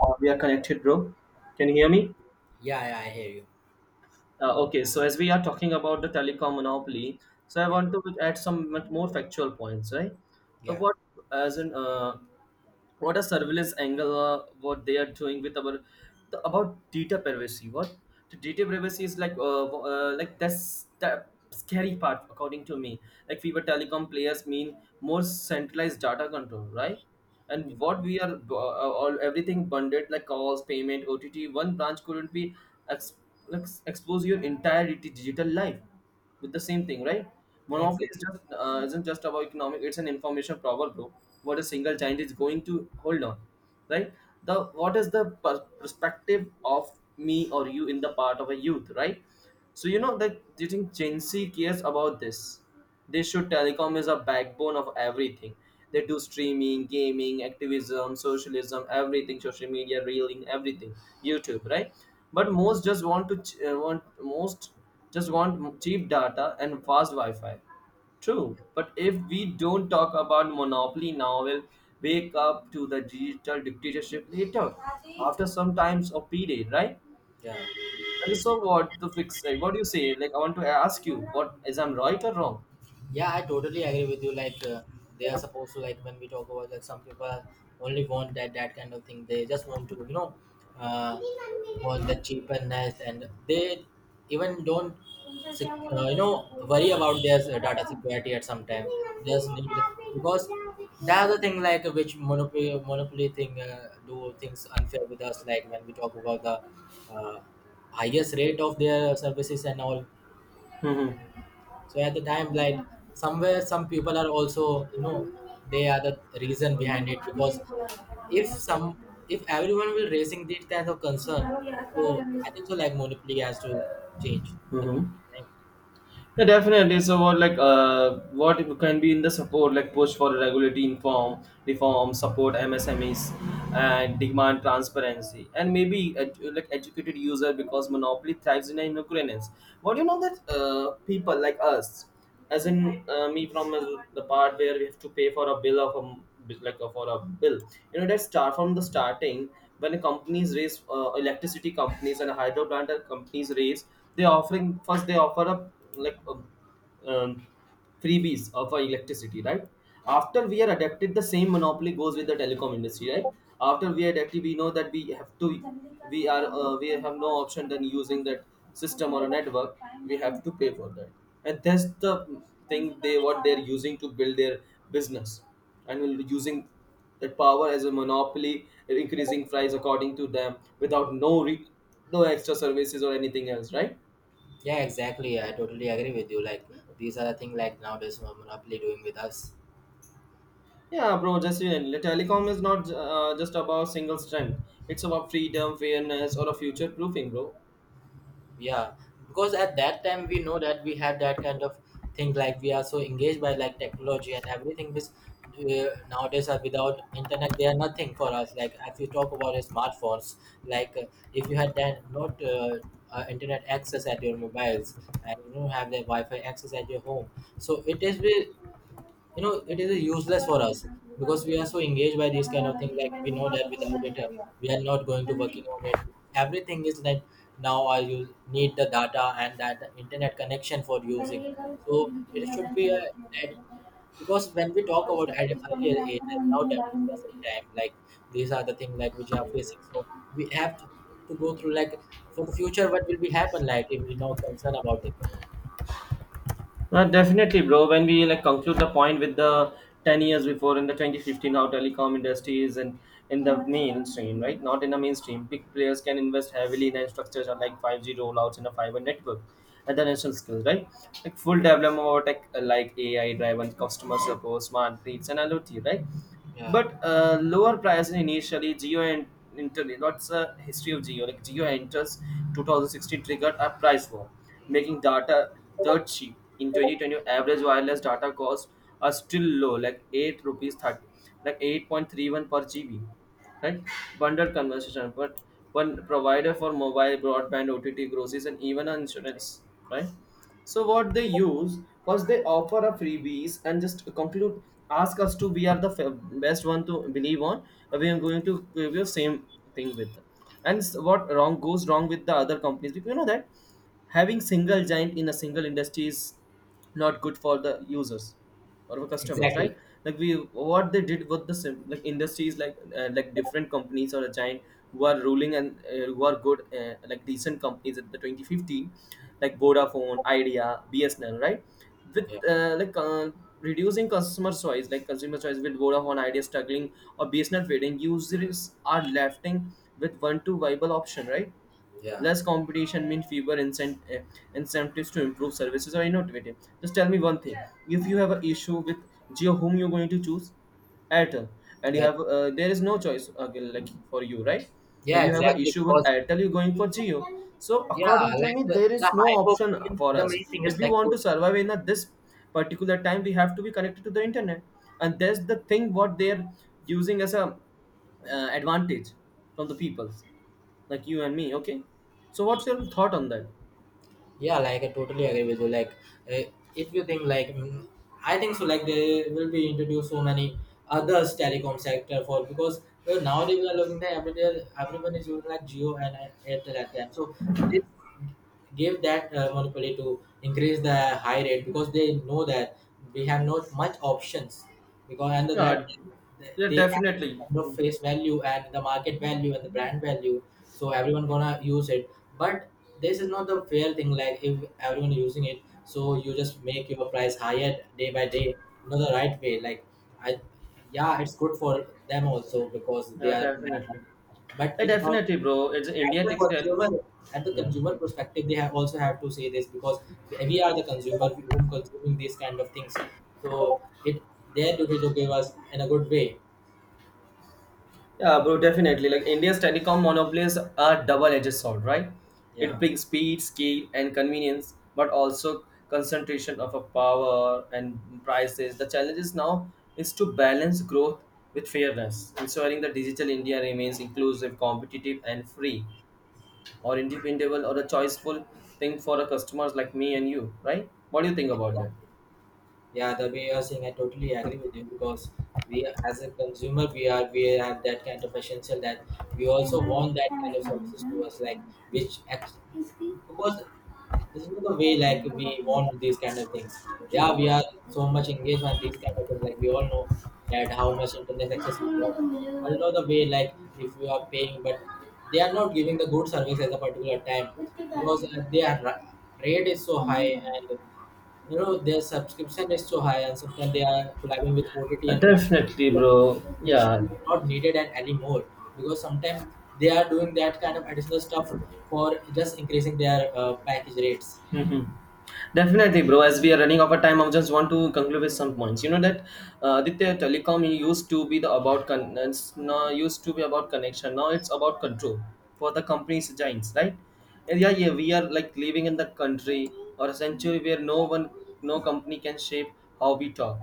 We are connected, bro. Can you hear me? Yeah, yeah, I hear you. Okay, so as we are talking about the telecom monopoly, so I Yeah, want to add some much more factual points, right? So yeah, what, as in, what a surveillance angle what they are doing with our about data privacy, what the data privacy is like like that's the scary part according to me. Like we were telecom players mean more centralized data control, right? And yeah, what we are all everything bundled like calls, payment, OTT. One branch couldn't be ex- like expose your entire digital life with the same thing, right? yeah, Monopoly is exactly. just isn't just about economic; it's an information problem, bro. What a single giant is going to hold on, right? The What is the perspective of me or you in the part of a youth, right? So you know that, do you think Gen Z cares about this? They should. Telecom is a backbone of everything. They do streaming, gaming, activism, socialism, everything, social media, reeling, everything, YouTube, right? But most just want to want most just want cheap data and fast Wi-Fi. True, but if we don't talk about monopoly now, we'll wake up to the digital dictatorship later, after some times of period, right? Yeah, And so what the fix? Like, what do you say? Like, I want to ask you, what is, I'm right or wrong? yeah, I totally agree with you. They are supposed to, like, when we talk about like some people only want that kind of thing. They just want to, you know, uh, want the cheapness, and they even don't you know, worry about their data security at some time. They just need, because that's the thing, like, which monopoly thing, do things unfair with us, like when we talk about the uh, highest rate of their services and all. Hmm. So at the time, like somewhere, some people are also, you know, they are the reason behind it, because if some, if everyone will raising this kind of concern, so I think so. Like monopoly has to change at a Mm-hmm. particular time. Yeah, definitely. So, what like what can be in the support like push for regulatory inform reform, support MSMEs, and demand transparency, and maybe like educated user, because monopoly thrives in ignorance. What do you know that people like us? As in me from the part where we have to pay for a bill of like for a bill, you know, that start from the starting, when companies raise electricity companies and hydro plant companies raise, they offering first they offer up like um, three Bs of our electricity, right? After we are adapted, the same monopoly goes with the telecom industry, right? After we are adapted, we know that we have to, we are, we have no option than using that system or a network. We have to pay for that, and that's the thing they what they're using to build their business, and will be using that power as a monopoly, increasing price according to them, without no no extra services or anything else, right? Yeah, exactly. I totally agree with you. Like these are the thing like nowadays monopoly doing with us. Yeah, bro, definitely. Telecom is not just about single strength. It's about freedom, fairness, or a future proofing, bro. Yeah, because at that time we know that we have that kind of thing, like we are so engaged by like technology and everything, which nowadays are without internet they are nothing for us, like if you talk about smartphones, like uh, if you had that not internet access at your mobiles and you don't have the wi-fi access at your home, so it is will, you know, it is useless for us, because we are so engaged by these kind of things. Like we know that without it, we are not going to working on it. Everything is that now I, you need the data and that the internet connection for using, so it should be a that. Because when we talk about at earlier age and now that in the present time, like these are the things like which are facing. So we have to go through like for the future what will be happen, like if we no concern about it. Definitely, bro. When we like conclude the point with the 10 years before in the 2015, how telecom industry is in the mainstream, right? Not in the mainstream. Big players can invest heavily in infrastructure like 5G rollouts and a fiber network at the national scale, right? Like full Yeah. development of tech like AI-driven customer support, smart grids, and IoT, right? Yeah, But lower price initially. Geo and entered, what's the history of Geo? Like Geo enters 2016, triggered a price war, making data dirt cheap. In 2020, average wireless data costs are still low, like 8 rupees 30, like 8.31 per GB, right? Bundled conversation, but one provider for mobile broadband, OTT, groceries, and even insurance, right? So what they use was, they offer a freebies and just conclude, ask us to, we are the best one to believe on. We are going to give you same thing with them. What wrong goes wrong with the other companies, because you know that having single giant in a single industry is not good for the users or our customers, right? exactly. Like we what they did with the like industries, like different companies or a giant who are ruling, and who are good like decent companies at the 2015, like Vodafone, Idea, BSNL, right? With Yeah. Like reducing customer choice, like consumer choice, with Vodafone Idea struggling or BSNL fading, users are left with one to viable option, right? Yeah. Less competition means fewer incentives to improve services or innovative. Just tell me one thing: if you have an issue with Geo, whom you're going to choose? Airtel, and you That- have there is no choice again, like for you, right? If yeah, you have an exactly. issue with Because Airtel, you're going for Geo. So yeah, according to like me, the there the is no hype of option being for the us. main thing If is we like want to totally. survive in this particular time, we have to be connected to the internet, and that's the thing what they're using as a advantage from the people like you and me, okay? So what's your thought on that? Yeah, like I totally agree with you. Uh, if you think like, I think so, like they will be introduced so many others telecom sector for, because well, nowadays we are looking that every day everyone is using like Geo and Airtel at them. So this give that monopoly to increase the high rate, because they know that we have not much options, because under that Yeah. Yeah, they have that definitely. kind of face value and the market value and the brand value, so everyone gonna use it. But this is not the fair thing, like if everyone using it so you just make your price higher day by day. Not the right way, like i, yeah, it's good for them also because they Yeah, are brand, definitely. but Yeah, it's not. definitely, bro, it's At India the tech consumer, at the yeah. consumer perspective, they have also have to say this, because we are the consumer whom consuming these kind of things. So it their duty to give us in a good way. Yeah, bro, definitely. Like India's telecom monopolies are double-edged sword, right? It Yeah. brings speed, scale, and convenience, but also concentration of a power and prices. The challenge is now is to balance growth with fairness, ensuring that digital India remains inclusive, competitive, and free, or independable, or a choiceful thing for a customers like me and you, right? What do you think about Exactly. that? Yeah, the way you are saying, I totally agree with you, because we as a consumer, we are, we have that kind of essential that we also want that kind of services to us, like which act-, because this is not the way like we want these kind of things. Yeah, we are so much engaged on these kind of things. Like we all know that how much internet access we want. But you know the way, like if you are paying, but they are not giving the good service at a particular time, because their ra- rate is so high, and you know their subscription is so high, and sometimes they are collabing with OTT and Definitely, platforms bro. which Yeah. we not needed and anymore, because sometimes they are doing that kind of additional stuff for just increasing their package rates. Mhm. Definitely, bro. As we are running out of time, I just want to conclude with some points. You know that Aditya Telecom used to be the about it's now used to be about connection. Now it's about control for the company's giants, right? And yeah, yeah, we are like living in the country or a century where no one, no company can shape how we talk,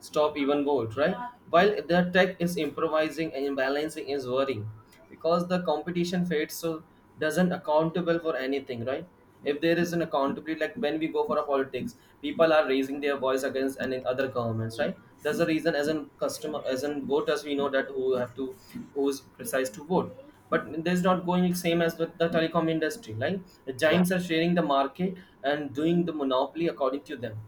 stop, even vote, right? While the tech is improvising and balancing is worrying, because the competition fades so doesn't accountable for anything, right? If there is an accountability, like when we go for a politics, people are raising their voice against and in other governments, right? That's the reason as an customer, as an voters, we know that who have to, who's precise to vote. But there's not going same as with the telecom industry, right? The Yeah. giants are sharing the market and doing the monopoly according to them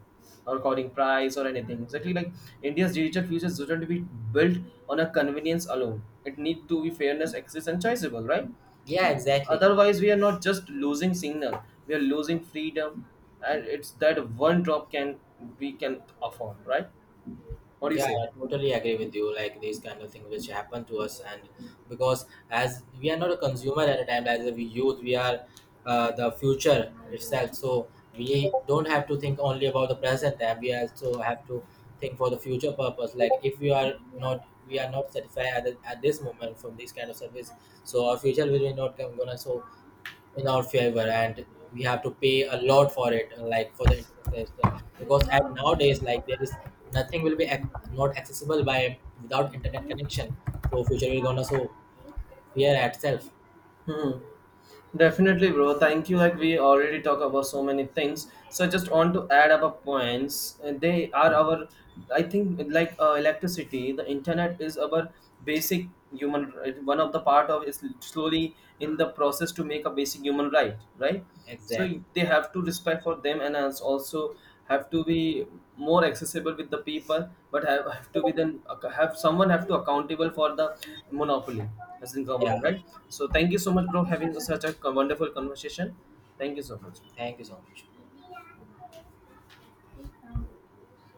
or coding price or anything. Exactly like India's digital future shouldn't be built on a convenience alone. It need to be fairness, access, and choiceable, right? Yeah, exactly. Otherwise, we are not just losing signal; we are losing freedom, and it's that one drop can we can afford, right? What do you Yeah, say? I totally agree with you. Like these kind of things which happen to us, and because as we are not a consumer at a time, like the youth, we are the future itself. So we don't have to think only about the present, and we also have to think for the future purpose. Like if we are not, we are not satisfied at, the, at this moment from this kind of service, so our future will be not come- gonna so in our favor, and we have to pay a lot for it, like for the internet, because at nowadays like there is nothing will be ac- not accessible by without internet connection. So future will gonna so fear itself. Hmm. Definitely, bro. Thank you. Like we already talk about so many things, so I just want to add up a points. And they are our, I think, like electricity. The internet is our basic human right. One of the part of is slowly in the process to make a basic human right, right? So Exactly. they have to respect for them and as also have to be more accessible with the people, but have to be, then have someone have to accountable for the monopoly as in Yeah, government, right? So thank you so much, bro, having such a wonderful conversation. Thank you so much. thank you so much.